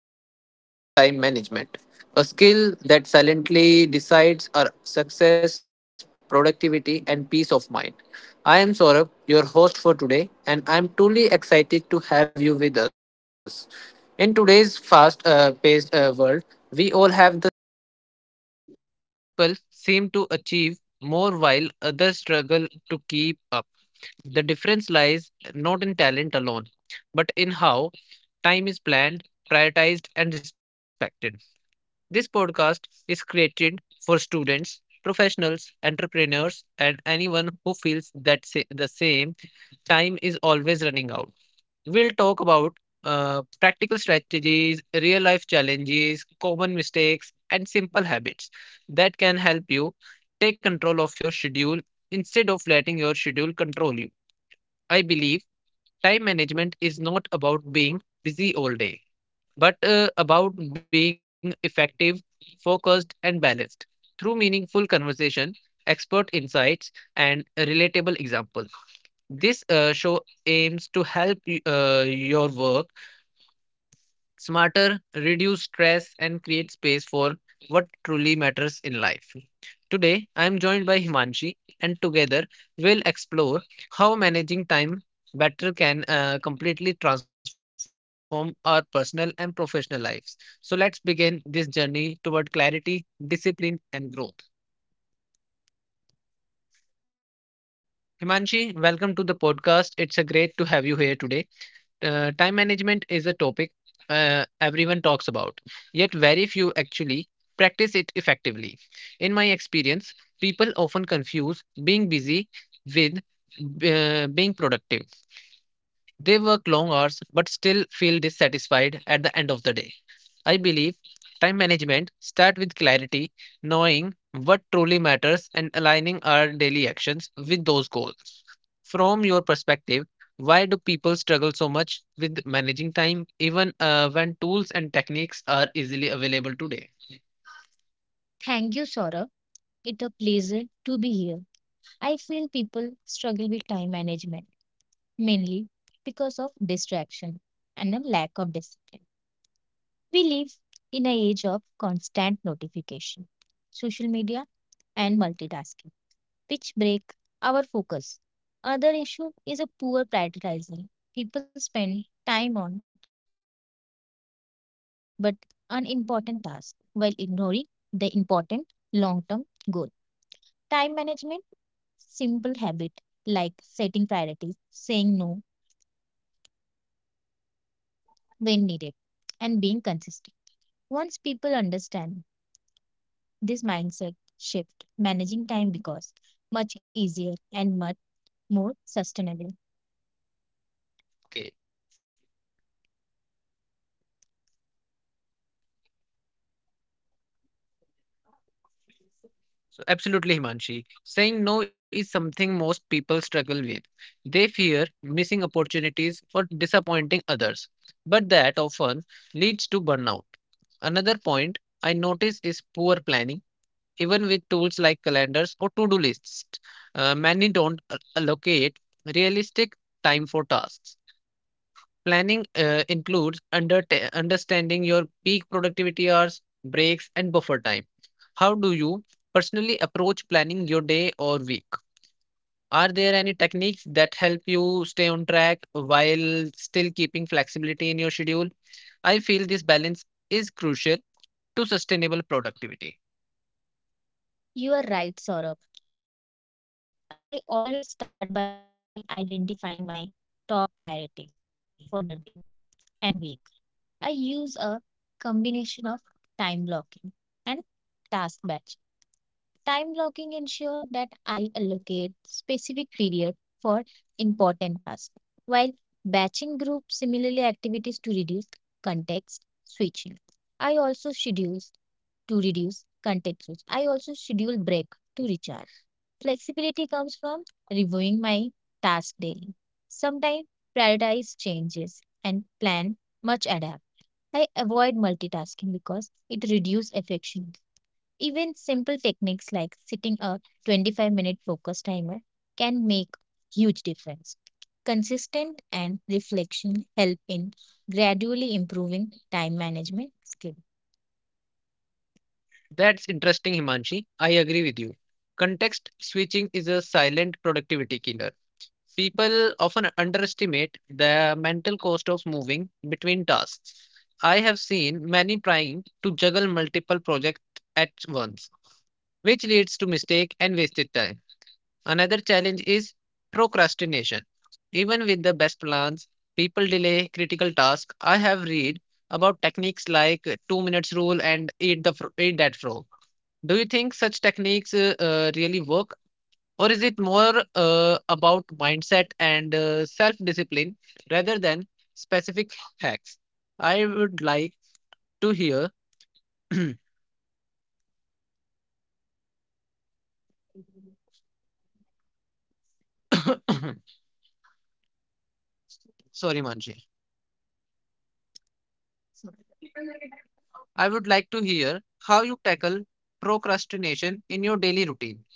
on the topic of time management, a skill that silently decides our success, productivity, and peace of mind. I am Saurabh, your host for today, and I am truly excited to have you with us. In today's fast paced world, we all have the same. People seem to achieve more while others struggle to keep up. The difference lies not in talent alone, but in how time is planned, prioritized, and respected. This podcast is created for students, professionals, entrepreneurs, and anyone who feels that the same time is always running out. We'll talk about practical strategies, real life challenges, common mistakes, and simple habits that can help you take control of your schedule instead of letting your schedule control you. I believe time management is not about being busy all day, but about being effective, focused, and balanced through meaningful conversation, expert insights, and relatable examples. This show aims to help your work smarter, reduce stress, and create space for what truly matters in life. Today, I am joined by Himanshi, and together we'll explore how managing time better can completely transform our personal and professional lives. So, let's begin this journey toward clarity, discipline, and growth. Himanshi, welcome to the podcast. It's a great to have you here today. Time management is a topic everyone talks about, yet very few actually practice it effectively. In my experience, people often confuse being busy with being productive. They work long hours but still feel dissatisfied at the end of the day. I believe time management starts with clarity, knowing what truly matters and aligning our daily actions with those goals. From your perspective, why do people struggle so much with managing time even when tools and techniques are easily available today? Thank you, Saurabh. It's a pleasure to be here. I feel people struggle with time management mainly because of distraction and a lack of discipline. We live in an age of constant notification, social media, and multitasking, which break our focus. Other issue is a poor prioritizing. People spend time on urgent but unimportant tasks while ignoring the important long-term goal. Time management, simple habit like setting priorities, saying no when needed, and being consistent. Once people understand this mindset shift, managing time becomes much easier and much more sustainable. Okay. So absolutely, Himanshi. Saying no is something most people struggle with. They fear missing opportunities or disappointing others, but that often leads to burnout. Another point I notice is poor planning. Even with tools like calendars or to do lists, many don't allocate realistic time for tasks. Planning includes understanding your peak productivity hours, breaks, and buffer time. How do you personally approach planning your day or week? Are there any techniques that help you stay on track while still keeping flexibility in your schedule? I feel this balance is crucial to sustainable productivity. You are right, Saurabh. I always start by identifying my top priorities for the day and week. I use a combination of time blocking and task batching. Time blocking ensures that I allocate specific period for important tasks, while batching groups similarly activities to reduce context switching. I also schedule to reduce context switch. I also schedule break to recharge. Flexibility comes from reviewing my task daily. Sometimes prioritize changes and plan much adapt. I avoid multitasking because it reduces affection. Even simple techniques like setting a 25-minute focus timer can make huge difference. Consistent and reflection help in gradually improving time management skills. That's interesting, Himanshi. I agree with you. Context switching is a silent productivity killer. People often underestimate the mental cost of moving between tasks. I have seen many trying to juggle multiple projects at once, which leads to mistake and wasted time. Another challenge is procrastination. Even with the best plans, people delay critical tasks. I have read about techniques like 2 minutes rule and eat that frog. Do you think such techniques really work, or is it more about mindset and self discipline rather than specific hacks? I would like to hear. Sorry, Manji. I would like to hear how you tackle procrastination in your daily routine.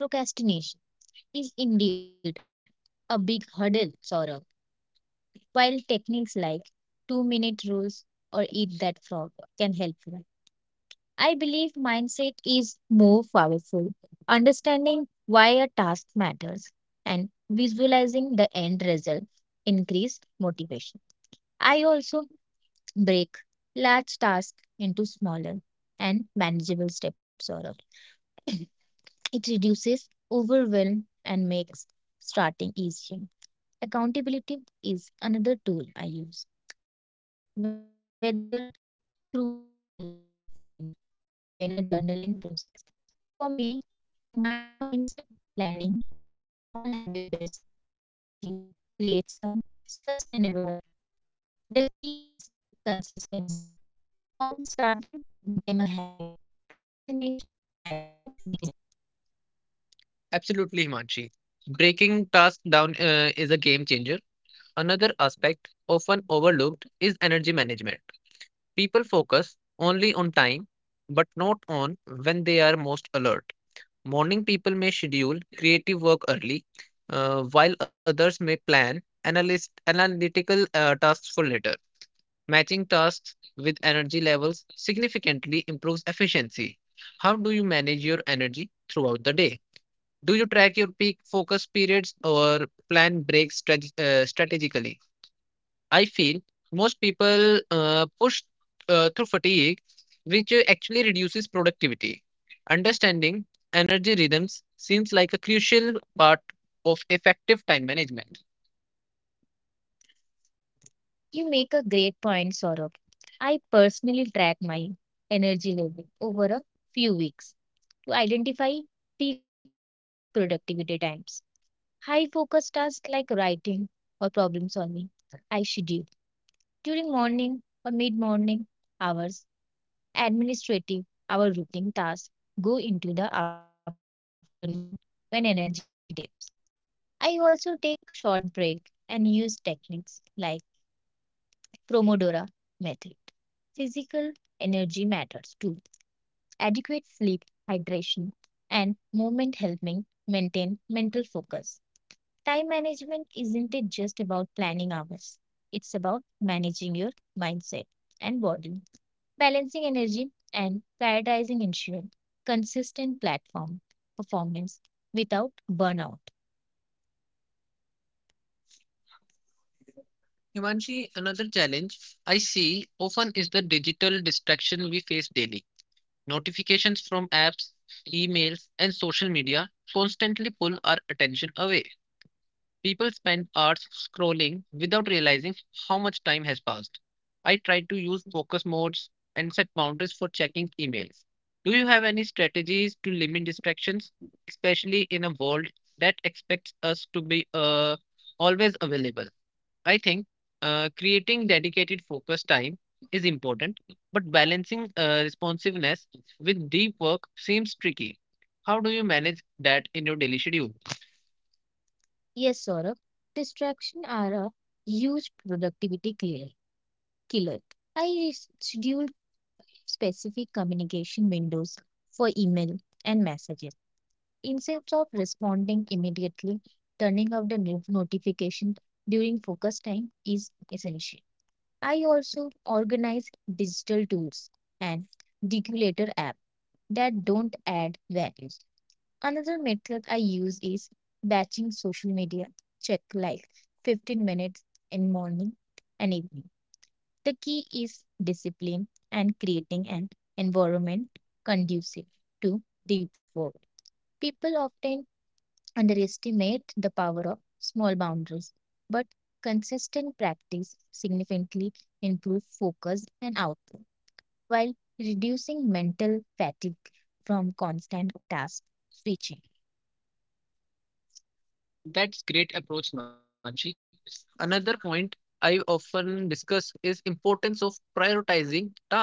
Procrastination is indeed a big hurdle, Saurabh, while techniques like 2 minute rules or eat that frog can help. You. I believe mindset is more powerful. Understanding why a task matters and visualizing the end result increased motivation. I also break large tasks into smaller and manageable steps or it reduces overwhelm and makes starting easier. Accountability is another tool I use, whether through a colleague, friend, or even a journaling process. For me, combining mindset, planning, and a small habit based strategies creates a sustainable approach. The key is consistency. Once starting become a habit, procrastination naturally decreases. Absolutely, Himanshi. Breaking tasks down is a game changer. Another aspect often overlooked is energy management. People focus only on time, but not on when they are most alert. Morning people may schedule creative work early, while others may plan analytical tasks for later. Matching tasks with energy levels significantly improves efficiency. How do you manage your energy throughout the day? Do you track your peak focus periods or plan breaks strategically? I feel most people push through fatigue, which actually reduces productivity. Understanding energy rhythms seems like a crucial part of effective time management. You make a great point, Saurabh. I personally track my energy level over a few weeks to identify peak productivity times. High focus tasks like writing or problem solving, I schedule during morning or mid morning hours administrative, our routine tasks go into the afternoon when energy dips. I also take short break and use techniques like Pomodoro method. Physical energy matters too. Adequate sleep, hydration, and movement help me maintain mental focus. Time management isn't it just about planning hours. It's about managing your mindset and body. Balancing energy and prioritizing ensure consistent platform performance without burnout. Himanshi, another challenge I see often is the digital distraction we face daily. Notifications from apps, emails, and social media constantly pull our attention away. People spend hours scrolling without realizing how much time has passed. I try to use focus modes and set boundaries for checking emails. Do you have any strategies to limit distractions, especially in a world that expects us to be always available? I think creating dedicated focus time is important, but balancing responsiveness with deep work seems tricky. How do you manage that in your daily schedule? Yes, Saurabh, distraction are a huge killer. I schedule specific communication windows for email and messages. Instead of responding immediately, turning off the notification during focus time is essential. I also organize digital tools and deregulator app that don't add value. Another method I use is batching social media. Check like 15 minutes in morning and evening. The key is discipline and creating an environment conducive to deep work. People often underestimate the power of small boundaries, but consistent practice significantly improves focus and output while reducing mental fatigue from constant task switching. That's great approach, Manchi. Another point I often discuss is importance of prioritizing tasks.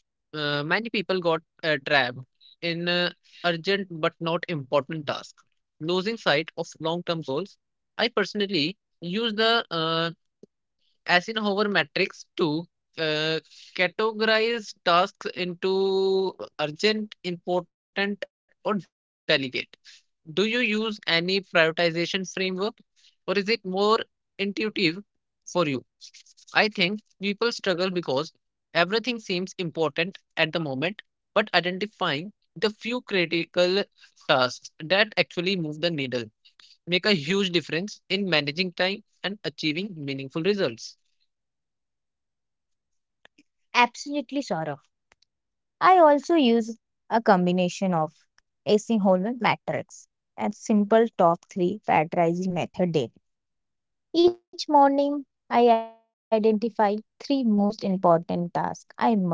Many people got trapped in urgent but not important tasks, losing sight of long-term goals. I personally use the as in Hover Matrix 2, uh, categorize tasks into urgent, important, or delegate. Do you use any prioritization framework or is it more intuitive for you? I think people struggle because everything seems important at the moment, but identifying the few critical tasks that actually move the needle make a huge difference in managing time and achieving meaningful results. Absolutely, Saurabh. I also use a combination of Eisenhower matrix and simple top three prioritizing method daily. Each morning, I identify three most important tasks I must complete.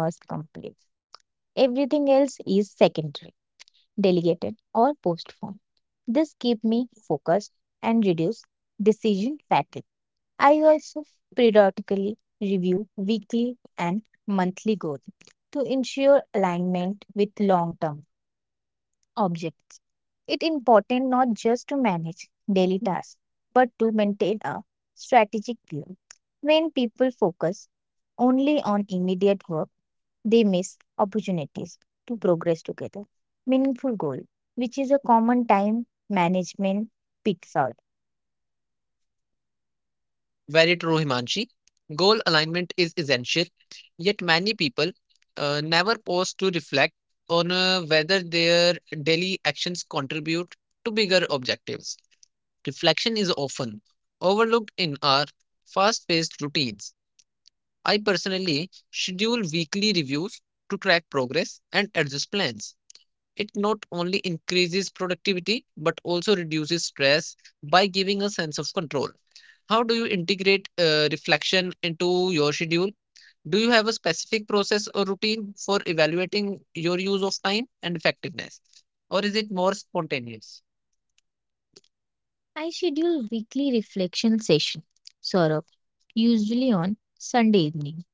Everything else is secondary, delegated, or postponed. This keeps me focused and reduce decision fatigue. I also periodically review weekly and monthly goals to ensure alignment with long-term objects. It's important not just to manage daily tasks, but to maintain a strategic view. When people focus only on immediate work, they miss opportunities to progress together. Meaningful goal, which is a common time management pitfall. Very true, Himanshi. Goal alignment is essential, yet many people never pause to reflect on whether their daily actions contribute to bigger objectives. Reflection is often overlooked in our fast paced routines. I personally schedule weekly reviews to track progress and adjust plans. It not only increases productivity but also reduces stress by giving a sense of control. How do you integrate reflection into your schedule? Do you have a specific process or routine for evaluating your use of time and effectiveness? Or is it more spontaneous? I schedule weekly reflection session, Saurabh, usually on Sunday evening.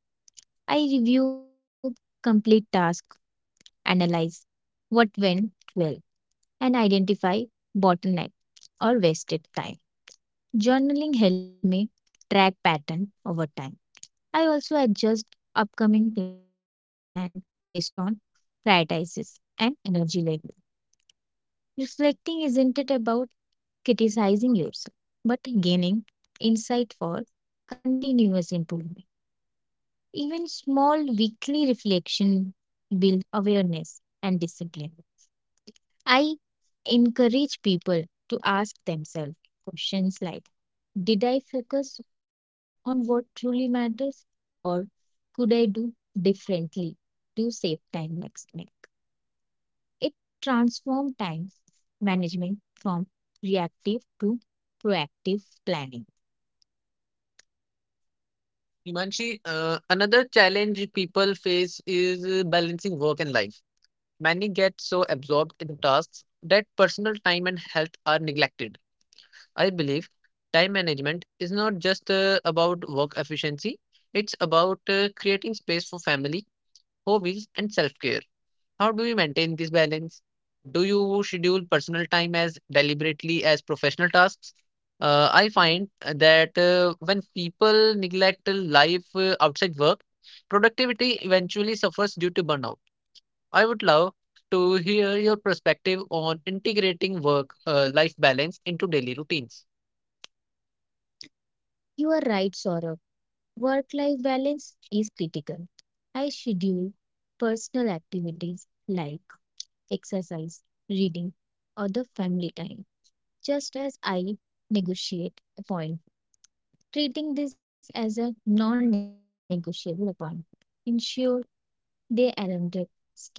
I review complete task, analyze what went well, and identify bottleneck or wasted time. Journaling helped me track pattern over time I also adjust upcoming plan based on prioritizes and energy level. Reflecting isn't it about criticizing yourself, but gaining insight for continuous improvement. Even small weekly reflection build awareness and discipline. I encourage people to ask themselves questions like, did I focus on what truly matters, or could I do differently to save time next week? It transformed time management from reactive to proactive planning. Himanshi, another challenge people face is balancing work and life. Many get so absorbed in tasks that personal time and health are neglected. I believe time management is not just about work efficiency, it's about creating space for family, hobbies, and self care. How do you maintain this balance? Do you schedule personal time as deliberately as professional tasks? I find that when people neglect life outside work, productivity eventually suffers due to burnout. I would love to hear your perspective on integrating work life balance into daily routines. You are right, Saurabh. Work life balance is critical. I schedule personal activities like exercise, reading, or the family time, just as I negotiate appointments. Treating this as a non negotiable appointment ensure they aren't skipped.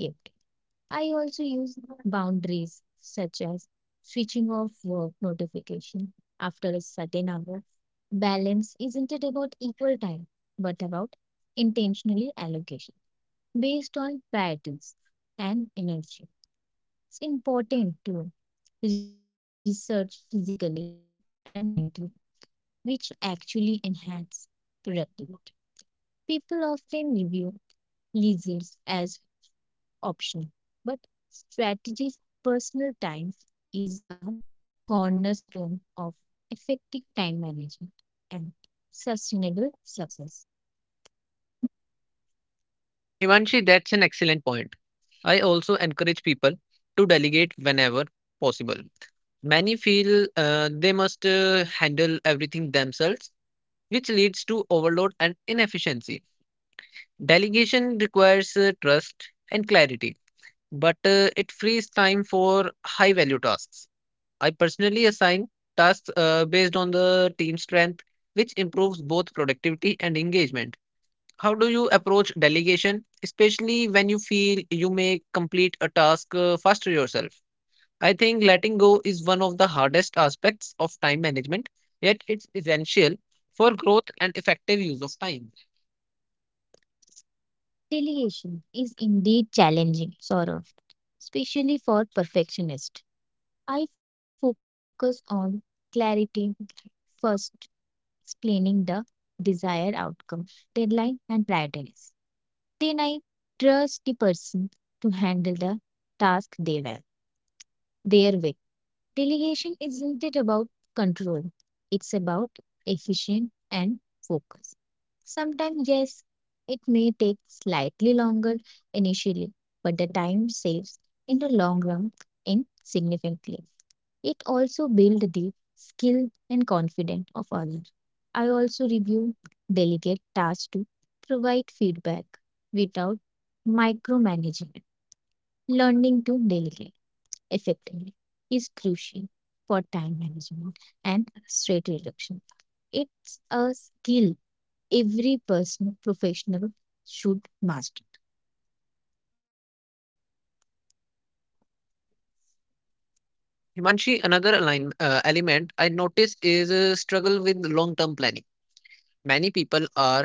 I also use boundaries such as switching off work notification after a certain hour. Balance isn't it about equal time, but about intentionally allocation based on patterns and energy. It's important to research physically and mentally, which actually enhance productivity. People often review leisure as option. But strategies personal times is a cornerstone of effective time management and sustainable success. Himanshi, that's an excellent point. I also encourage people to delegate whenever possible. Many feel they must handle everything themselves, which leads to overload and inefficiency. Delegation requires trust and clarity, but it frees time for high value tasks. I personally assign tasks based on the team strength, which improves both productivity and engagement. How do you approach delegation, especially when you feel you may complete a task faster yourself? I think letting go is one of the hardest aspects of time management, yet it's essential for growth and effective use of time. Delegation is indeed challenging, Saurav, especially for perfectionists. I focus on clarity first, explaining the desired outcome, deadline, and priorities. Then I trust the person to handle the task they well, their way. Delegation isn't it about control, it's about efficient and focus. Sometimes, yes, it may take slightly longer initially, but the time saves in the long run in significantly. It also builds the skill and confidence of others. I also review delegate tasks to provide feedback without micromanagement. Learning to delegate effectively is crucial for time management and stress reduction. It's a skill every person professional should master. Himanshi, another align, element I notice is a struggle with long term planning. Many people are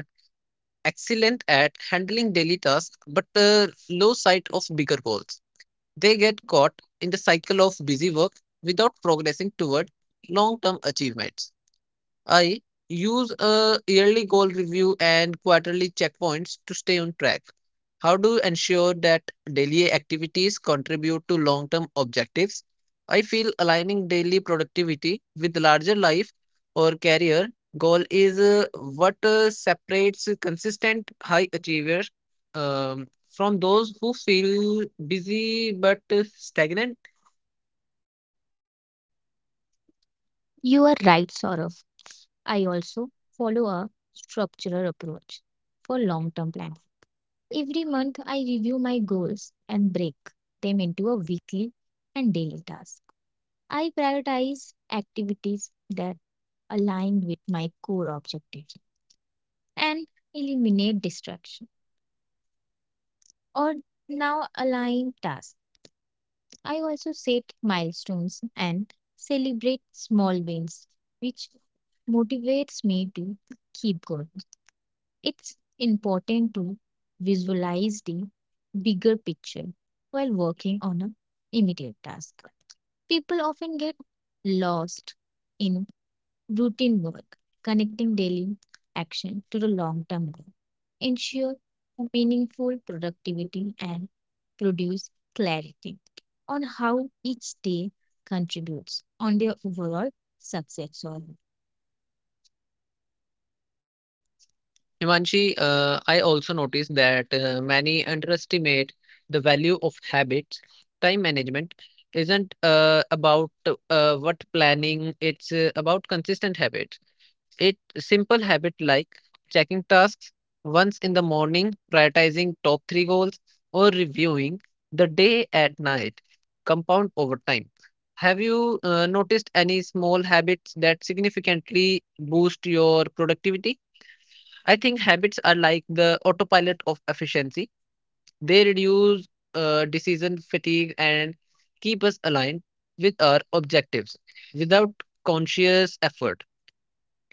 excellent at handling daily tasks but lose sight of bigger goals. They get caught in the cycle of busy work without progressing toward long term achievements. I use a yearly goal review and quarterly checkpoints to stay on track. How do you ensure that daily activities contribute to long term objectives? I feel aligning daily productivity with larger life or career goal is what separates consistent high achievers from those who feel busy but stagnant. You are right, Saurav. I also follow a structural approach for long term plans. Every month, I review my goals and break them into a weekly and daily task. I prioritize activities that align with my core objectives and eliminate distraction or now align tasks. I also set milestones and celebrate small wins, which motivates me to keep going. It's important to visualize the bigger picture while working on an immediate task. People often get lost in routine work, connecting daily action to the long term goal, ensure meaningful productivity, and produce clarity on how each day contributes on their overall success or Himanshi, I also noticed that many underestimate the value of habits. Time management isn't about what planning, it's about consistent habits. It simple habit like checking tasks once in the morning, prioritizing top three goals, or reviewing the day at night compound over time. Have you noticed any small habits that significantly boost your productivity? I think habits are like the autopilot of efficiency. They reduce decision fatigue and keep us aligned with our objectives without conscious effort.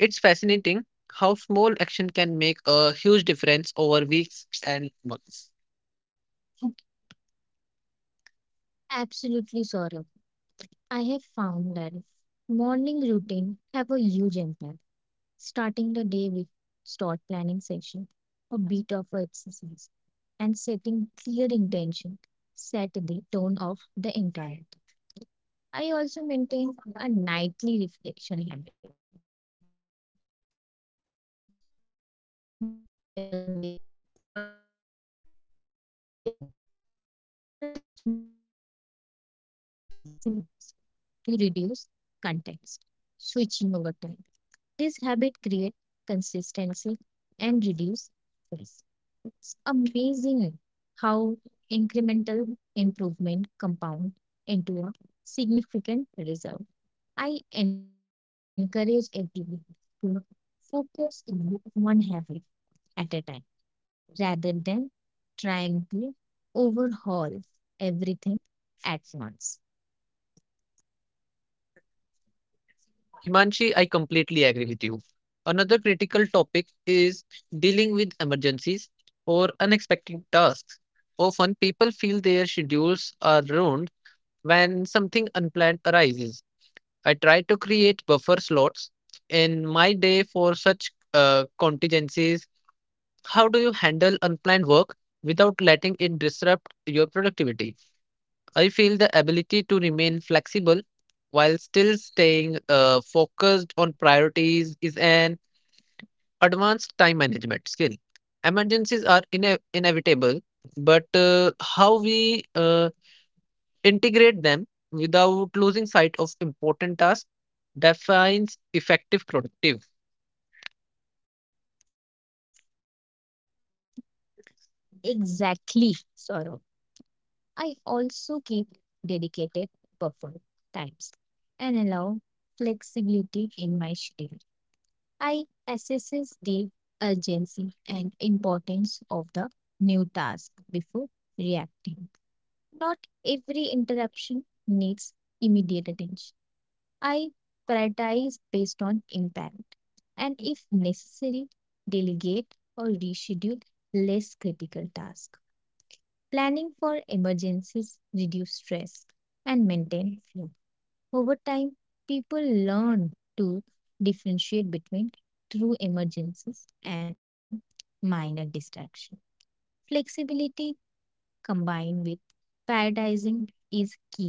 It's fascinating how small action can make a huge difference over weeks and months. Absolutely, Saurabh. I have found that morning routine have a huge impact. Starting the day with start planning session, a bit of exercise, and setting clear intention set the tone of the entire day. I also maintain a nightly reflection habit, which help me evaluate what worked and what didn't. Another small habit is batching similar to reduce context, switching over time. This habit creates consistency and reduce stress. It's amazing how incremental improvement compound into a significant result. I encourage everyone to focus on one habit at a time rather than trying to overhaul everything at once. Himanshi, I completely agree with you. Another critical topic is dealing with emergencies or unexpected tasks. Often people feel their schedules are ruined when something unplanned arises. I try to create buffer slots in my day for such contingencies. How do you handle unplanned work without letting it disrupt your productivity? I feel the ability to remain flexible while still staying focused on priorities is an advanced time management skill. Emergencies are inevitable, but how we integrate them without losing sight of important tasks defines effective productive. Exactly, Sorrow. I also keep dedicated buffer times and allow flexibility in my schedule. I assesses the urgency and importance of the new task before reacting. Not every interruption needs immediate attention. I prioritize based on impact and, if necessary, delegate or reschedule less critical tasks. Planning for emergencies reduce stress and maintain flow. Over time, people learn to differentiate between true emergencies and minor distractions. Flexibility combined with prioritizing is key.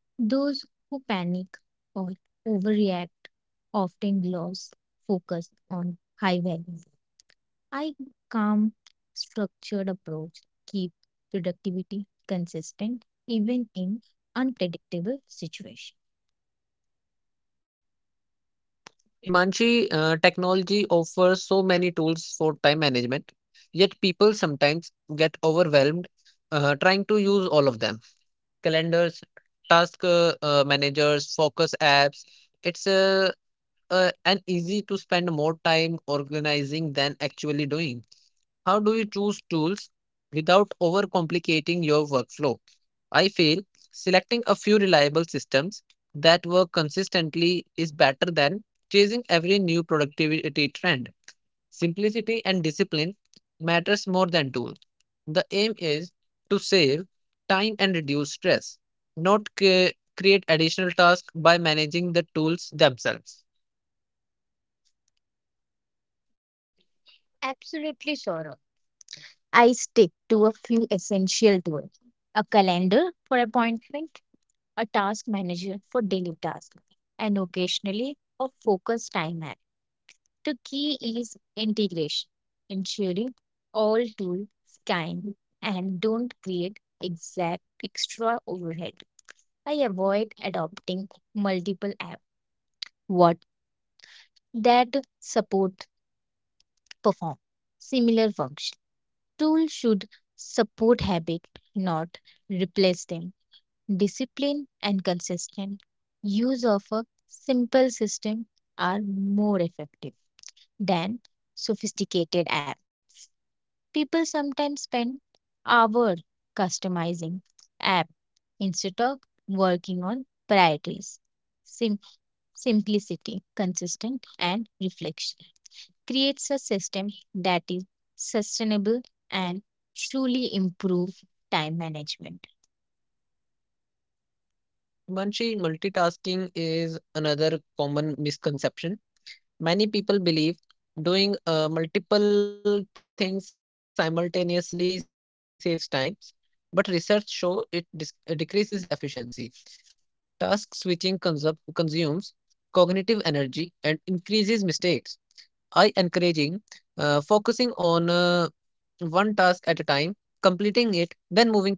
Those who panic or overreact often lose focus on high value. I calm, structured approach keep productivity consistent even in unpredictable situations. Himanshi, technology offers so many tools for time management, yet people sometimes get overwhelmed trying to use all of them. Calendars, task managers, focus apps. It's an easy to spend more time organizing than actually doing. How do you choose tools without overcomplicating your workflow? I feel selecting a few reliable systems that work consistently is better than chasing every new productivity trend. Simplicity and discipline matters more than tool. The aim is to save time and reduce stress, not create additional tasks by managing the tools themselves. Absolutely, Saurabh. I stick to a few essential tools. A calendar for appointments, a task manager for daily tasks, and occasionally a focus time map. The key is integration, ensuring all tools kind and don't create exact extra overhead. I avoid adopting multiple apps what that support perform similar function. Tools should support habit, not replace them. Discipline and consistent use of a simple system are more effective than sophisticated apps. People sometimes spend hours customizing app instead of working on priorities. Sim- simplicity, consistent and reflection creates a system that is sustainable and truly improve time management. Munshi, multitasking is another common misconception. Many people believe doing multiple things simultaneously saves times, but research show it decreases efficiency. Task switching consumes cognitive energy and increases mistakes. I encouraging focusing on one task at a time, completing it, then moving to the next.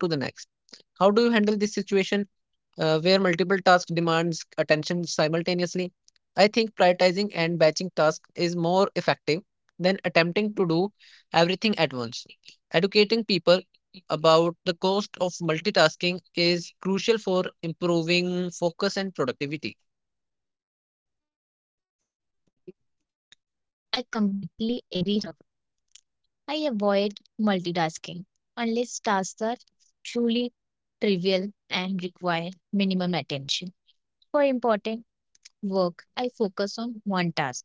How do you handle this situation where multiple tasks demands attention simultaneously? I think prioritizing and batching tasks is more effective than attempting to do everything at once. Educating people about the cost of multitasking is crucial for improving focus and productivity. I completely agree, Saurav. I avoid multitasking unless tasks are truly trivial and require minimum attention. For important work, I focus on one task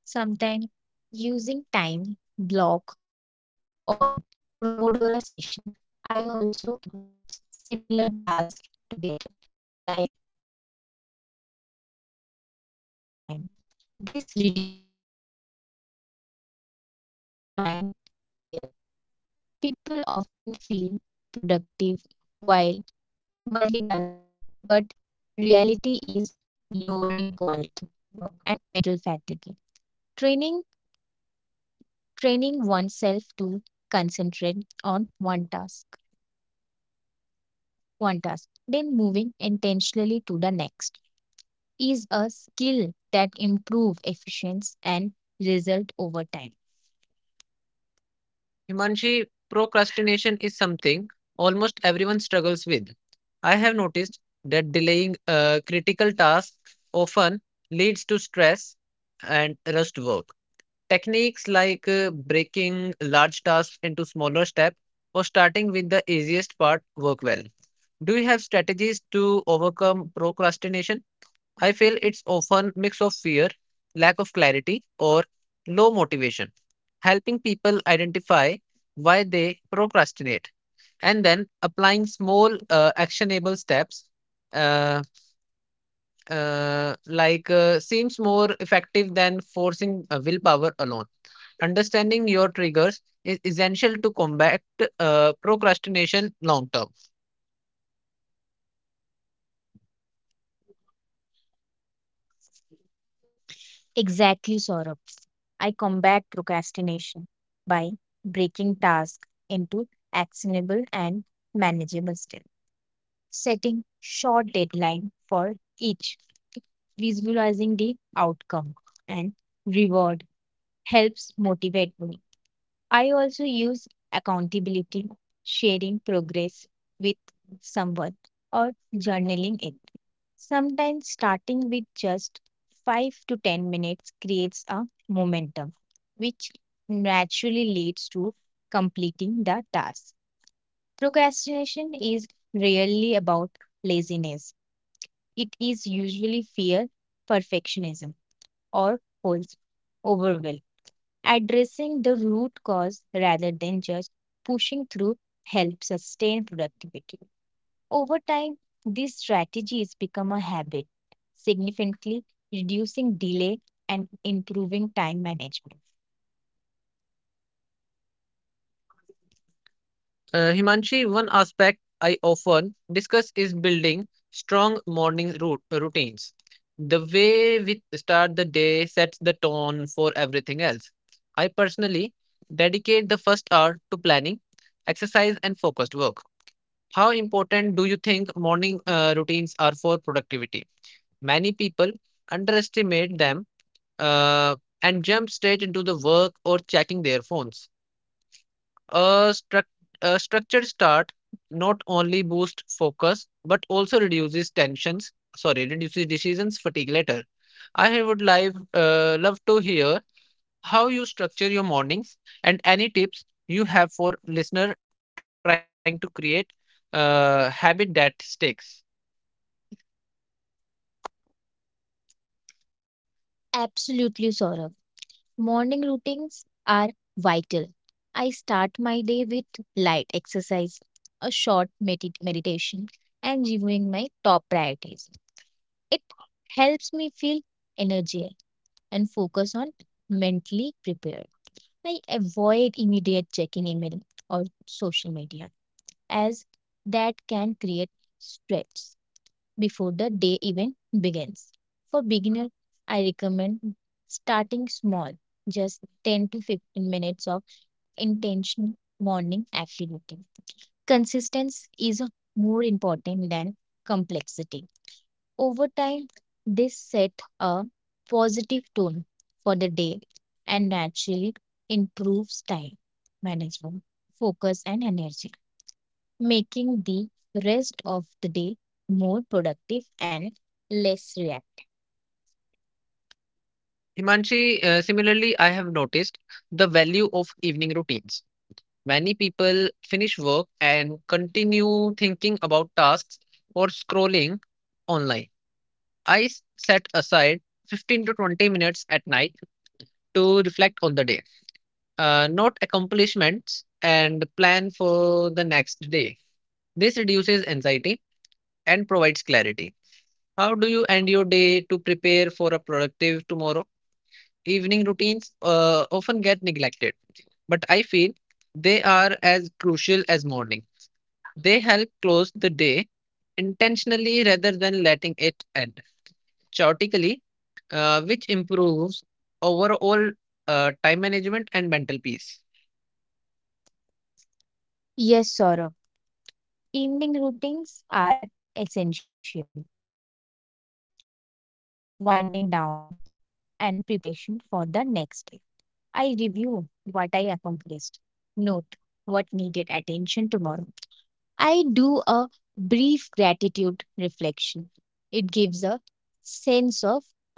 sometimes using time block or Pomodoro session. I also batch similar tasks together, like replying to email at a set time. This reduced context switching and keep my mind clear. People often feel productive while multitasking, but reality is lowering quality work and mental fatigue. Training training oneself to concentrate on one task, then moving intentionally to the next is a skill that improve efficiency and result over time. Himanshi, procrastination is something almost everyone struggles with. I have noticed that delaying critical tasks often leads to stress and rushed work. Techniques like breaking large tasks into smaller steps or starting with the easiest part work well. Do you have strategies to overcome procrastination? I feel it's often mix of fear, lack of clarity, or low motivation. Helping people identify why they procrastinate and then applying small actionable steps uh, seems more effective than forcing willpower alone. Understanding your triggers is essential to combat procrastination long term. Exactly, Saurabh. I combat procrastination by breaking tasks into actionable and manageable steps, setting short deadline for each, visualizing the outcome and reward helps motivate me. I also use accountability, sharing progress with someone, or journaling it. Sometimes starting with just 5 to 10 minutes creates a momentum, which naturally leads to completing the task. Procrastination is rarely about laziness, it is usually fear, perfectionism, or holds overwhelm. Addressing the root cause rather than just pushing through helps sustain productivity. Over time, these strategies become a habit, significantly reducing delay and improving time management. Himanshi, one aspect I often discuss is building strong morning routines. The way we start the day sets the tone for everything else. I personally dedicate the first hour to planning, exercise, and focused work. How important do you think morning routines are for productivity? Many people underestimate them, uh, and jump straight into the work or checking their phones. A, struc- a structured start not only boosts focus but also reduces tensions, sorry, reduces decisions fatigue later. I would love to hear how you structure your mornings and any tips you have for listener trying to create a habit that sticks. Absolutely, Saurabh. Morning routines are vital. I start my day with light exercise, a short meditation, and reviewing my top priorities. It helps me feel energy and focus on mentally prepared. I avoid immediate checking email or social media as that can create stress before the day even begins. For beginner, I recommend starting small, just 10 to 15 minutes of intentional morning activity. Consistency is more important than complexity. Over time, this set a positive tone for the day and naturally improves time management, focus, and energy making the rest of the day more productive and less reactive. Himanshi, similarly, I have noticed the value of evening routines. Many people finish work and continue thinking about tasks or scrolling online. Set aside 15 to 20 minutes at night to reflect on the day, note accomplishments, and plan for the next day. This reduces anxiety and provides clarity. How do you end your day to prepare for a productive tomorrow? Evening routines often get neglected, but I feel they are as crucial as morning. They help close the day intentionally rather than letting it end chaotically, which improves overall time management and mental peace. Yes, Saurabh. Evening routines are essential for winding down and preparation for the next day. I review what I accomplished, note what needed attention tomorrow. I do a brief gratitude reflection. It gives a sense of closure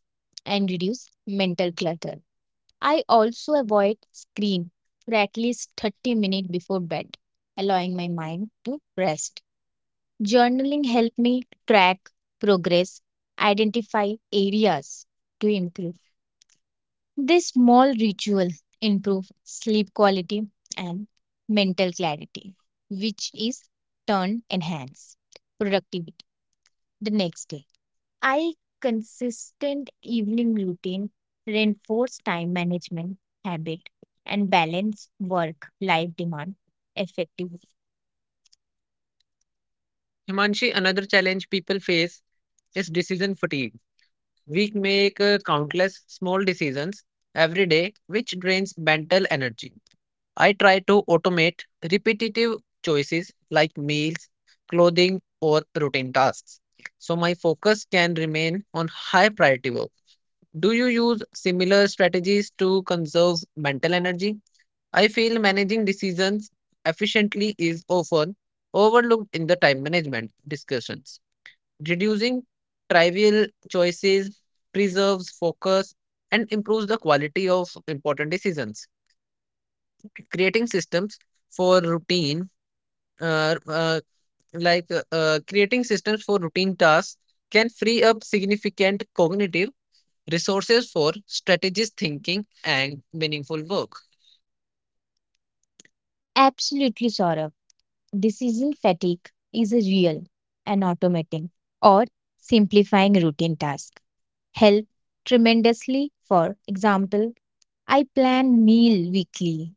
and reduce mental clutter. I also avoid screen for at least 30 minutes before bed, allowing my mind to rest. Journaling helped me track progress, identify areas to improve. This small ritual improve sleep quality and mental clarity, which is turn enhance productivity the next day. I consistent evening routine reinforce time management habit and balance work life demand effectively. Himanshi, another challenge people face is decision fatigue. We make countless small decisions every day, which drains mental energy. I try to automate repetitive choices like meals, clothing, or routine tasks. So my focus can remain on high priority work. Do you use similar strategies to conserve mental energy? I feel managing decisions efficiently is often overlooked in the time management discussions. Reducing trivial choices preserves focus and improves the quality of important decisions. Creating systems for routine uh, uh, like Creating systems for routine tasks can free up significant cognitive resources for strategist thinking and meaningful work. Absolutely, Saurabh. Decision fatigue is a real and automating or simplifying routine tasks help tremendously. For example, I plan meal weekly,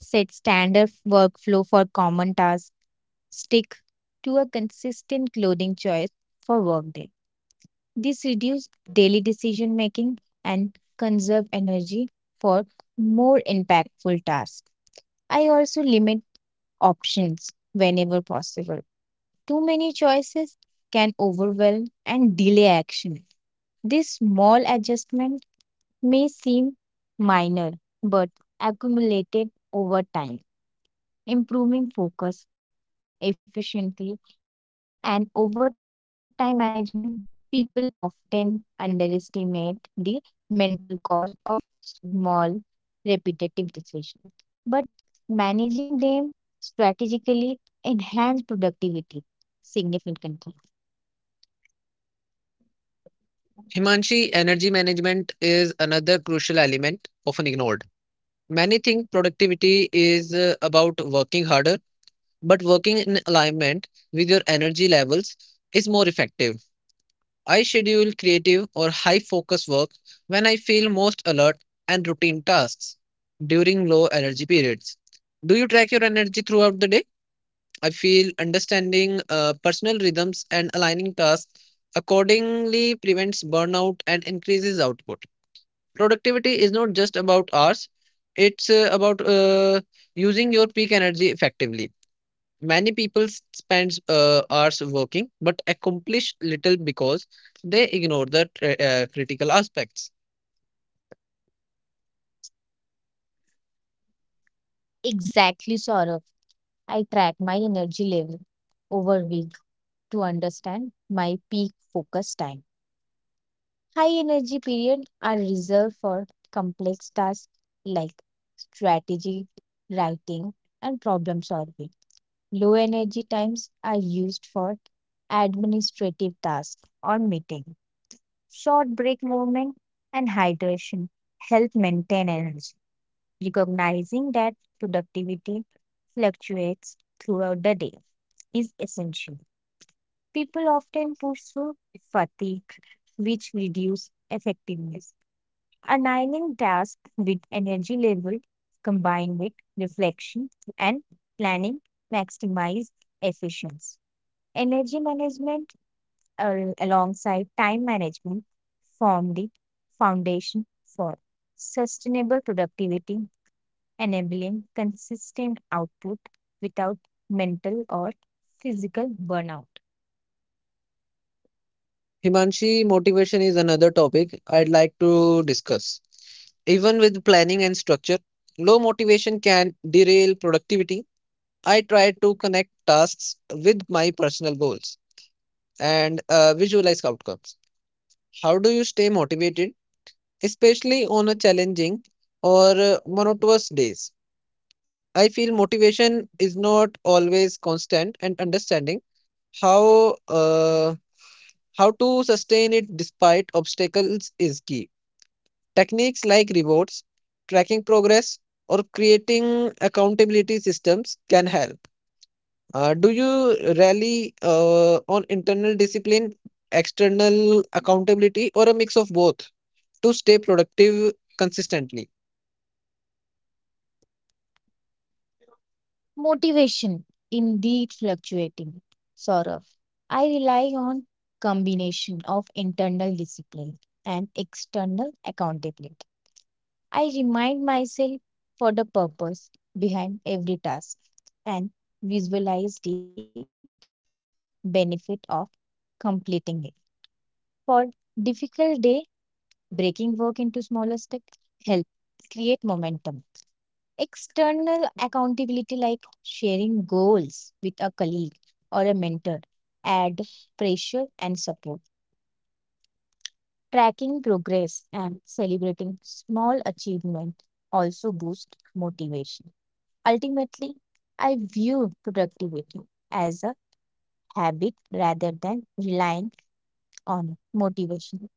set standard workflow for common tasks, stick to a consistent clothing choice for workday. This reduces daily decision making and conserve energy for more impactful tasks. I also limit options whenever possible. Too many choices can overwhelm and delay action. This small adjustment may seem minor but accumulated over time improving focus, efficiency, and overtime management, people often underestimate the mental cost of small, repetitive decisions. But managing them strategically enhance productivity significantly. Himanshi, energy management is another crucial element often ignored. Many think productivity is about working harder, but working in alignment with your energy levels is more effective. I schedule creative or high focus work when I feel most alert and routine tasks during low energy periods. Do you track your energy throughout the day? I feel understanding personal rhythms and aligning tasks accordingly prevents burnout and increases output. Productivity is not just about hours, it's about using your peak energy effectively. Many people spends hours working but accomplish little because they ignore the critical aspects. Exactly, Saurav. I track my energy level over week to understand my peak focus time. High energy periods are reserved for complex tasks like strategy, writing, and problem solving. Low energy times are used for administrative tasks or meeting. Short break movement and hydration help maintain energy, recognizing that productivity fluctuates throughout the day is essential. People often push through fatigue, which reduce effectiveness. Aligning tasks with energy level combined with reflection and planning maximize efficiency. Energy management alongside time management form the foundation for sustainable productivity, enabling consistent output without mental or physical burnout. Himanshi, motivation is another topic I'd like to discuss. Even with planning and structure, low motivation can derail productivity. I try to connect tasks with my personal goals and visualize outcomes. How do you stay motivated especially on a challenging or monotonous days? I feel motivation is not always constant, and understanding how uh, how to sustain it despite obstacles is key. Techniques like rewards, tracking progress, or creating accountability systems can help. Do you rally on internal discipline, external accountability, or a mix of both to stay productive consistently? Motivation indeed fluctuating, Saurav. I rely on combination of internal discipline and external accountability. I remind myself for the purpose behind every task and visualize the benefit of completing it. For difficult day, breaking work into smaller steps help create momentum. External accountability, like sharing goals with a colleague or a mentor, add pressure and support. Tracking progress and celebrating small achievement also boost motivation. Ultimately, I view productivity as a habit rather than relying on motivation.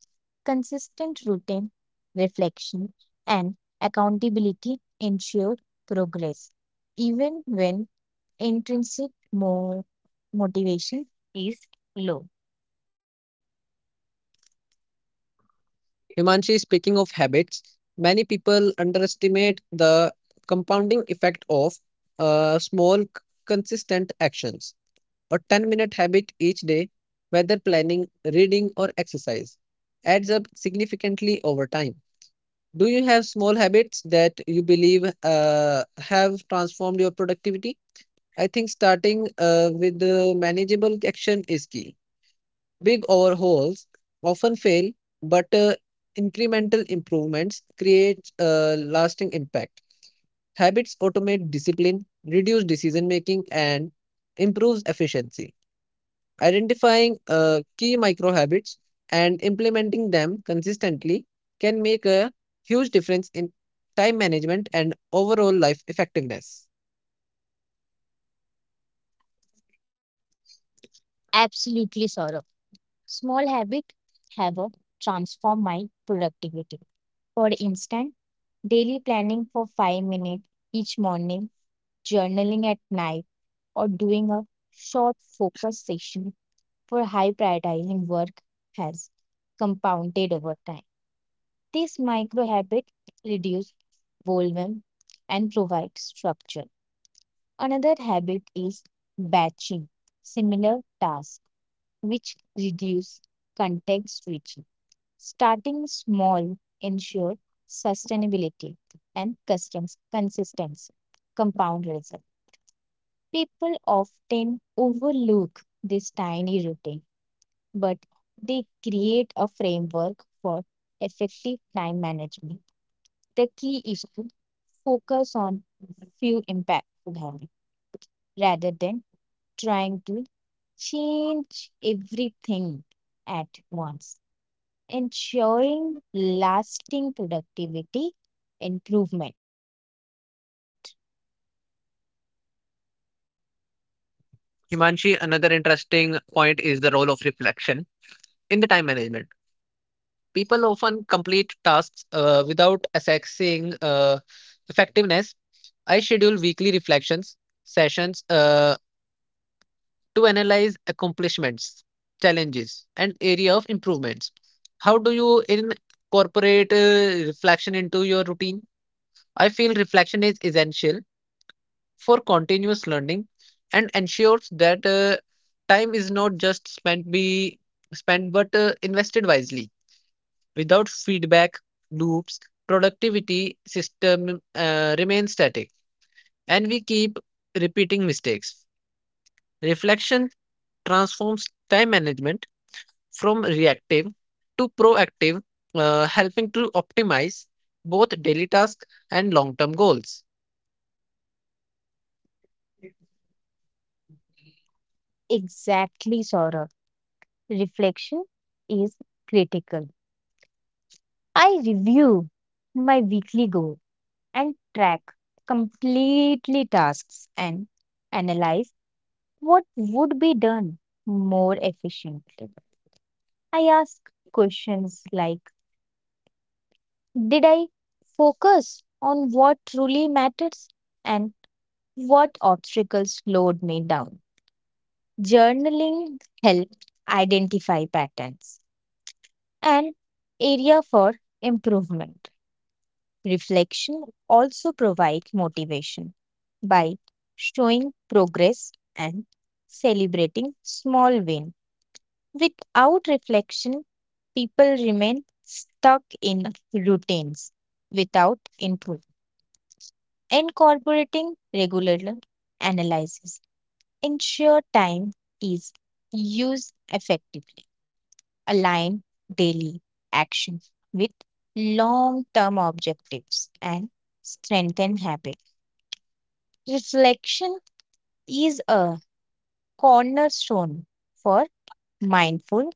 Consistent routine, reflection, and accountability ensure progress even when intrinsic mo- motivation is low. Himanshi, speaking of habits, many people underestimate the compounding effect of small, consistent actions. A 10-minute habit each day, whether planning, reading, or exercise, adds up significantly over time. Do you have small habits that you believe have transformed your productivity? I think starting with the manageable action is key. Big overhauls often fail, but incremental improvements create lasting impact. Habits automate discipline, reduce decision making, and improves efficiency. Identifying key micro habits and implementing them consistently can make a huge difference in time management and overall life effectiveness. Absolutely, Saurabh. Small habit have a transform my productivity. For instance, daily planning for 5 minutes each morning, journaling at night, or doing a short focus session for high prioritizing work has compounded over time. This micro habit reduces overwhelm and provides structure. Another habit is batching similar tasks, which reduce context switching. Starting small ensure sustainability and customs consistency. Compound result. People often overlook this tiny routine, but they create a framework for effective time management. The key is to focus on few impactful habits rather than trying to change everything at once ensuring lasting productivity improvement. Himanshi, another interesting point is the role of reflection in the time management. People often complete tasks without assessing effectiveness. I schedule weekly reflections sessions to analyze accomplishments, challenges, and area of improvements. How do you incorporate reflection into your routine? I feel reflection is essential for continuous learning and ensures that time is not just spent but invested wisely without feedback loops productivity system remains static and we keep repeating mistakes reflection transforms time management from reactive to proactive, helping to optimize both daily tasks and long term goals. Exactly, Saurabh. Reflection is critical. I review my weekly goal and track completely tasks and analyze what would be done more efficiently. I ask questions like did I focus on what truly matters and what obstacles slowed me down? Journaling helps identify patterns and area for improvement. Reflection also provides motivation by showing progress and celebrating small wins. Without reflection, people remain stuck in routines without improvement. Incorporating regular analysis ensure time is used effectively. Align daily action with long-term objectives and strengthen habits. Reflection is a cornerstone for mindful,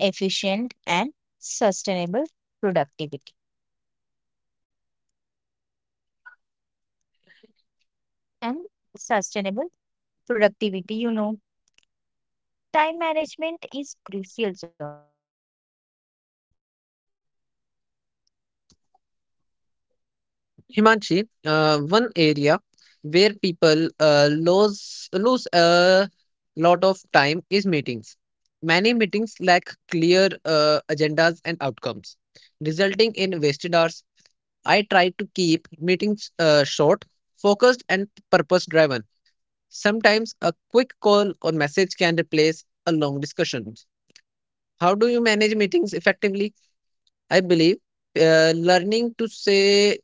efficient, and sustainable productivity. And sustainable productivity, you know, time management is crucial, Zoro. Himanshi, one area where people lose a lot of time is meetings. Many meetings lack clear agendas and outcomes, resulting in wasted hours. I try to keep meetings short, focused, and purpose driven. Sometimes a quick call or message can replace a long discussion. How do you manage meetings effectively? I believe learning to say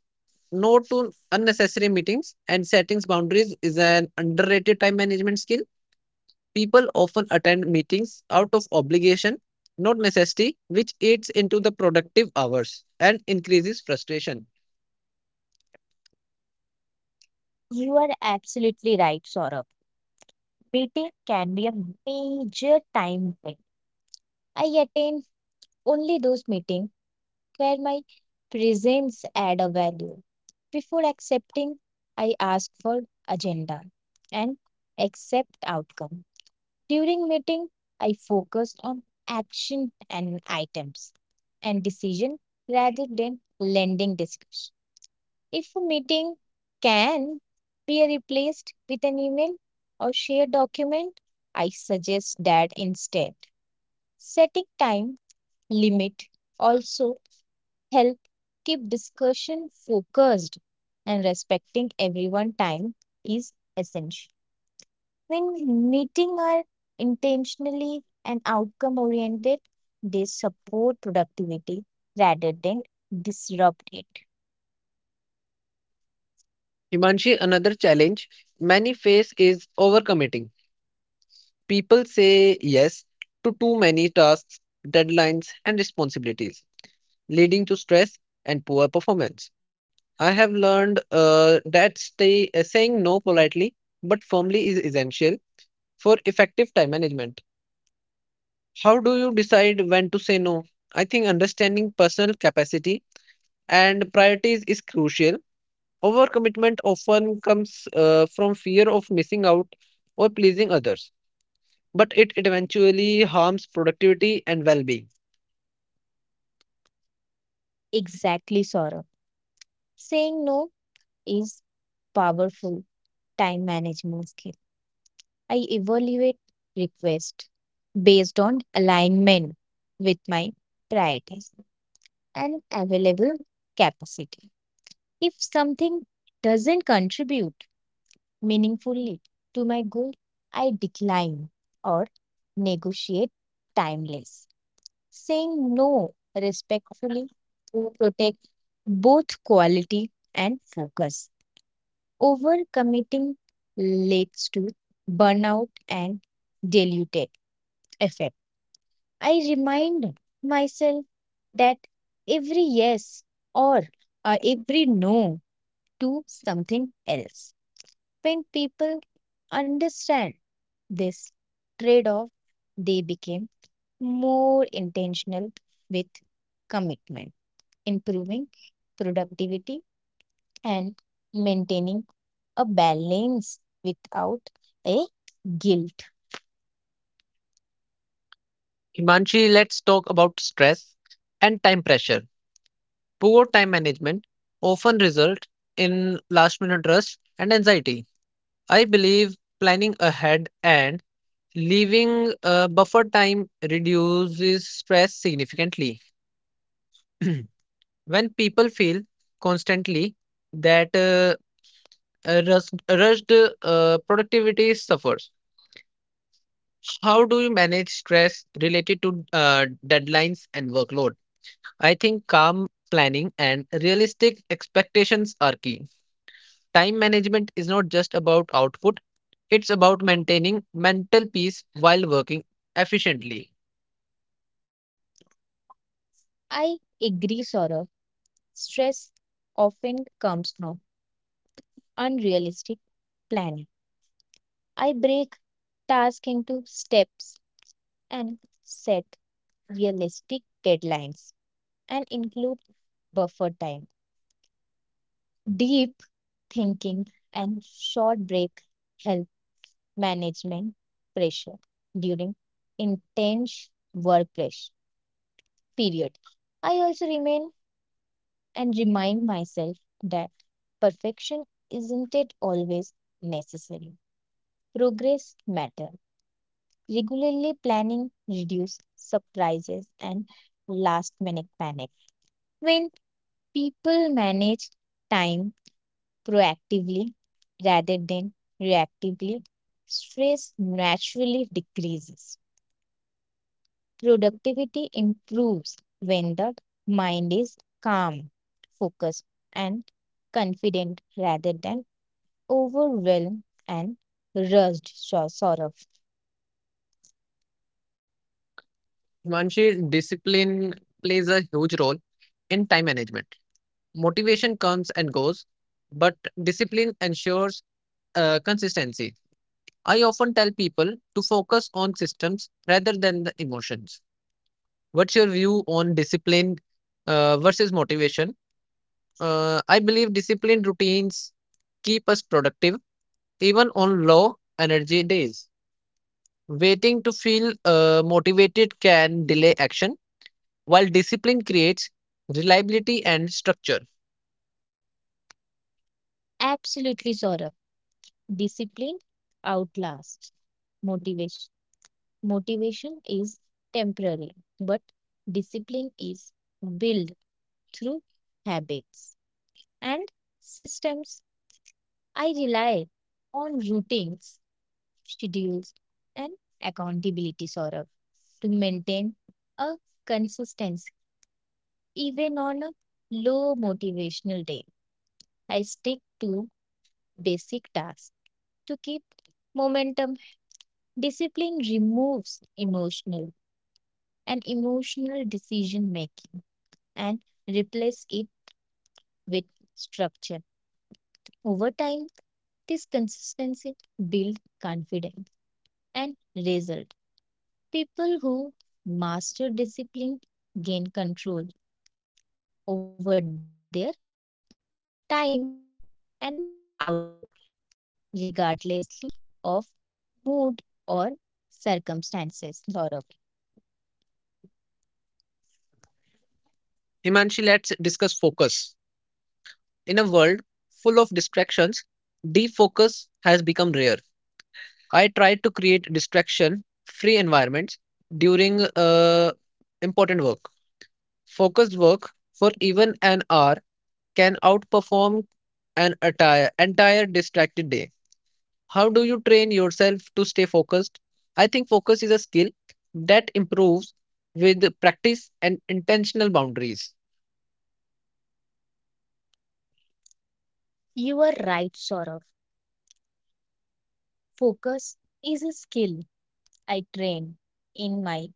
no to unnecessary meetings and setting boundaries is an underrated time management skill. People often attend meetings out of obligation, not necessity, which eats into the productive hours and increases frustration. You are absolutely right, Saurabh. Meeting can be a major time drain. I attend only those meetings where my presence add a value. Before accepting, I ask for agenda and accept outcome. During meeting, I focus on action and items and decision rather than lending discussion. If a meeting can be replaced with an email or shared document, I suggest that instead. Setting time limit also help keep discussion focused and respecting everyone's time is essential. When meetings are intentionally and outcome oriented, they support productivity rather than disrupt it. Himanshi, another challenge many face is overcommitting. People say yes to too many tasks, deadlines, and responsibilities, leading to stress and poor performance. I have learned that saying no politely but firmly is essential for effective time management. How do you decide when to say no? I think understanding personal capacity and priorities is crucial. Overcommitment often comes from fear of missing out or pleasing others, but it eventually harms productivity and well being. Exactly, Saurabh. Saying no is powerful time management skill. I evaluate requests based on alignment with my priorities and available capacity. If something doesn't contribute meaningfully to my goal, I decline or negotiate timeless, saying no respectfully to protect both quality and focus. Overcommitting leads to burnout and diluted effect. I remind myself that every yes or every no to something else. When people understand this trade off, they became more intentional with commitment, improving productivity and maintaining a balance without a guilt. Himanshi, let's talk about stress and time pressure. Poor time management often result in last minute rush and anxiety. I believe planning ahead and leaving a buffer time reduces stress significantly. When people feel constantly that rushed, productivity suffers. How do you manage stress related to deadlines and workload? I think calm planning and realistic expectations are key. Time management is not just about output. It's about maintaining mental peace while working efficiently. I agree, Saurabh. Stress often comes from unrealistic planning. I break tasks into steps and set realistic deadlines and include buffer time. Deep thinking and short break help management pressure during intense work pressure period. I also remain and remind myself that perfection isn't it always necessary. Progress matter. Regularly planning reduces surprises and last minute panic. When people manage time proactively rather than reactively, stress naturally decreases. Productivity improves when the mind is calm, focused, and confident rather than overwhelmed and rushed. So, sort of. Himanshi, discipline plays a huge role in time management. Motivation comes and goes, but discipline ensures consistency. I often tell people to focus on systems rather than the emotions. What's your view on discipline versus motivation? I believe disciplined routines keep us productive even on low energy days. Waiting to feel motivated can delay action, while discipline creates reliability and structure. Absolutely, Zora. Discipline outlasts motivation. Motivation is temporary, but discipline is built through habits and systems. I rely on routines, schedules, and accountability, Saurabh, to maintain a consistency even on a low motivational day. I stick to basic tasks to keep momentum. Discipline removes emotional decision making and replaces it with structure. Over time, this consistency builds confidence and result. People who master discipline gain control over their time and output, regardless of mood or circumstances. Laura. Himanshi, let's discuss focus. In a world full of distractions, defocus has become rare. I try to create distraction free environments during important work. Focused work for even an hour can outperform an entire distracted day. How do you train yourself to stay focused? I think focus is a skill that improves with practice and intentional boundaries. You are right, Saurav. Focus is a skill I train in my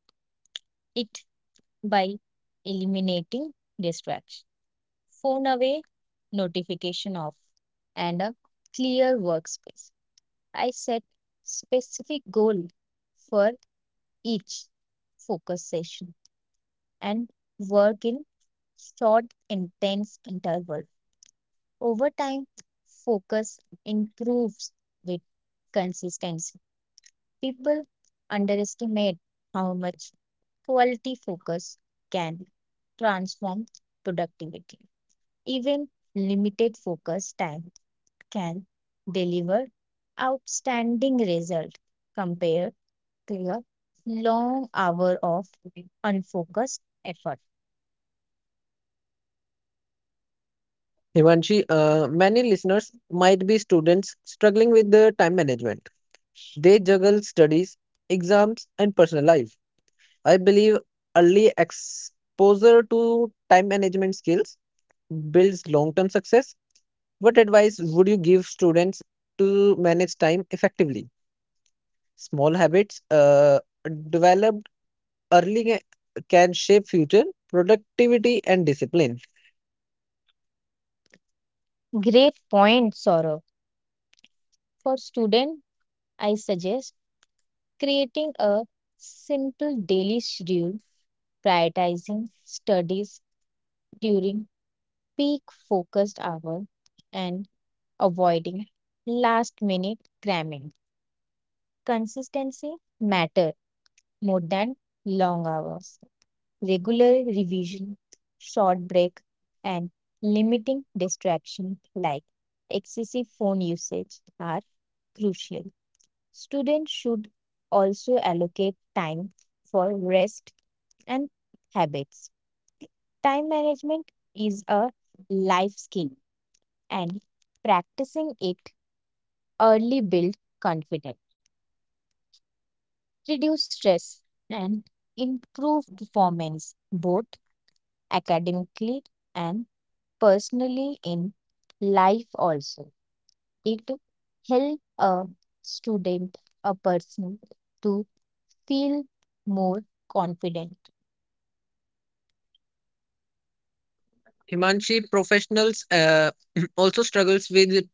it by eliminating distraction, phone away, notification off, and a clear workspace. I set specific goal for each focus session and work in short intense interval. Over time, focus improves with consistency. People underestimate how much quality focus can transform productivity. Even limited focus time can deliver outstanding result compared to a long hour of unfocused effort. Himanshi, many listeners might be students struggling with their time management. They juggle studies, exams, and personal life. I believe early exposure to time management skills builds long term success. What advice would you give students to manage time effectively? Small habits developed early, can shape future productivity and discipline. Great point, Saurabh. For student, I suggest creating a simple daily schedule, prioritizing studies during peak focused hour and avoiding last minute cramming. Consistency matter more than long hours. Regular revision, short break, and limiting distraction like excessive phone usage are crucial. Students should also allocate time for rest and habits. Time management is a life skill and practicing it early builds confidence, reduce stress, and improve performance both academically and personally in life also. It help a student, a person to feel more confident. Himanshi professionals also struggles with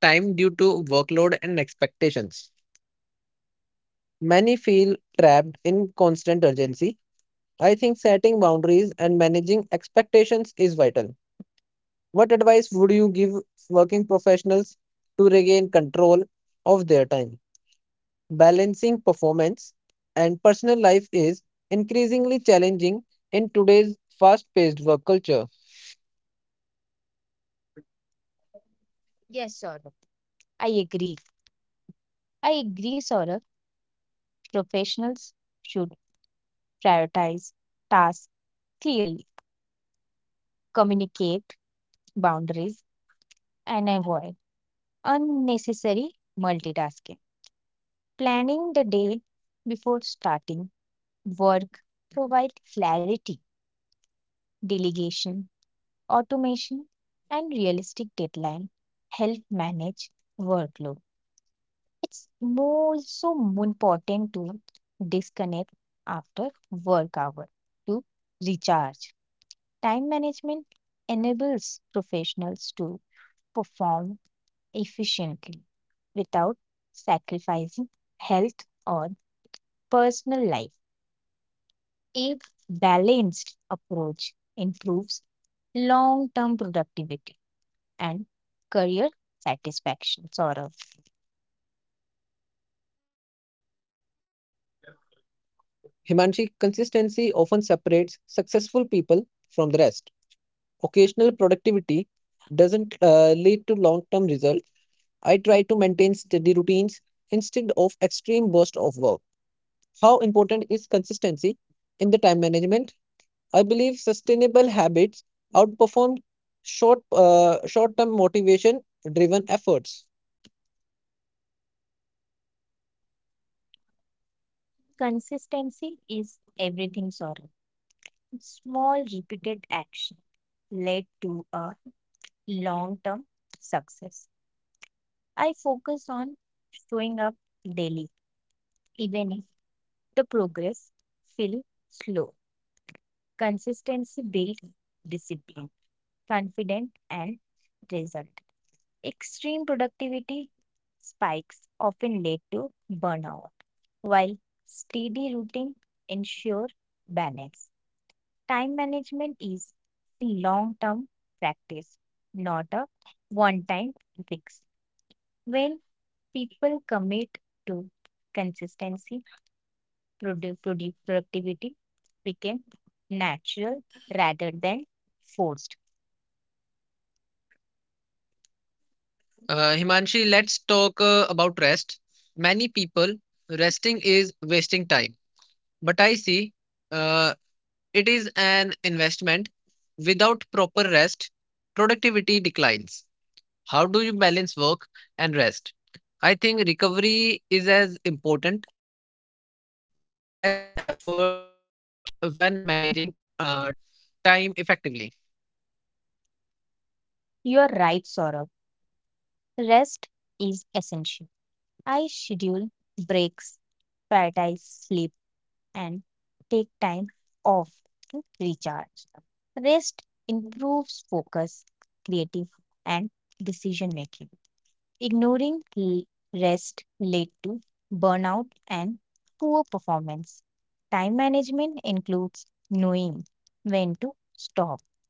time due to workload and expectations. Many feel trapped in constant urgency. I think setting boundaries and managing expectations is vital. What advice would you give working professionals to regain control of their time? Balancing performance and personal life is increasingly challenging in today's fast paced work culture. Yes, Saurabh. I agree. I agree, Saurabh. Professionals should prioritize tasks clearly, communicate boundaries, and avoid unnecessary multitasking. Planning the day before starting work provide clarity, delegation, automation, and realistic deadline help manage workload. It's more so important to disconnect after work hour to recharge. Time management enables professionals to perform efficiently without sacrificing health or personal life. A balanced approach improves long term productivity and career satisfaction. Saurav. Himanshi, consistency often separates successful people from the rest. Occasional productivity doesn't lead to long term results. I try to maintain steady routines instead of extreme bursts of work. How important is consistency in the time management? I believe sustainable habits outperform short-term motivation-driven efforts. Consistency is everything, Saurabh. Small, repeated action led to a long term success. I focus on showing up daily, even if the progress feels slow. Consistency builds discipline, confidence, and result. Extreme productivity spikes often lead to burnout, while steady routine ensure balance. Time management is a long-term practice, not a one-time fix. When people commit to consistency, productivity became natural rather than forced. Himanshi, let's talk about rest. Many people, resting is wasting time. But I see uh, it is an investment. Without proper rest, productivity declines. How do you balance work and rest? I think recovery is as important as effort when managing uh, time effectively. You are right, Saurabh. Rest is essential. I schedule breaks, prioritize sleep, and take time off to recharge. Rest improves focus, creative, and decision making. Ignoring rest lead to burnout and poor performance. Time management includes knowing when to stop.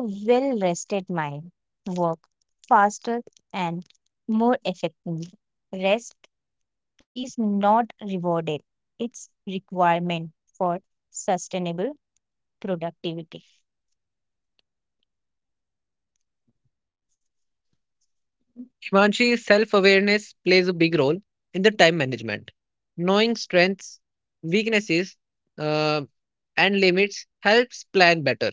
A well rested mind work faster and more effectively. Rest is not rewarded. It's requirement for sustainable productivity. Himanshi, self awareness plays a big role in the time management. Knowing strengths, weaknesses, uh, and limits helps plan better.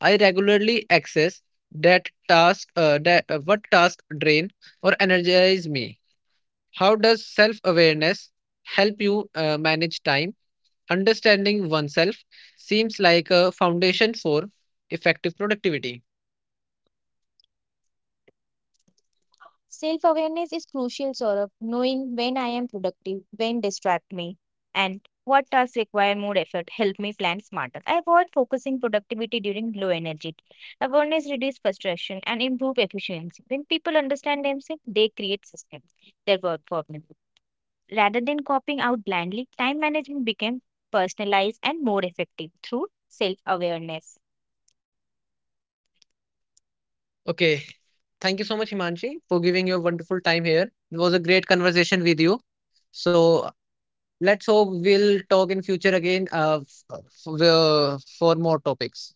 I regularly access that what task drain or energize me. How does self awareness help you manage time? Understanding oneself seems like a foundation for effective productivity. Self awareness is crucial, Saurabh, knowing when I am productive, when distract me, and what tasks require more effort help me plan smarter. I avoid focusing productivity during low energy. Awareness reduces frustration and improve efficiency. When people understand themselves, they create systems that work for them. Rather than copying out blindly, time management becomes personalized and more effective through self awareness. Okay. Thank you so much, Himanshi, for giving your wonderful time here. It was a great conversation with you. So let's hope we'll talk in future again for more topics.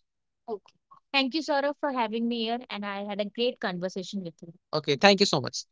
Okay. Thank you, Saurabh, for having me here, and I had a great conversation with you. Okay. Thank you so much.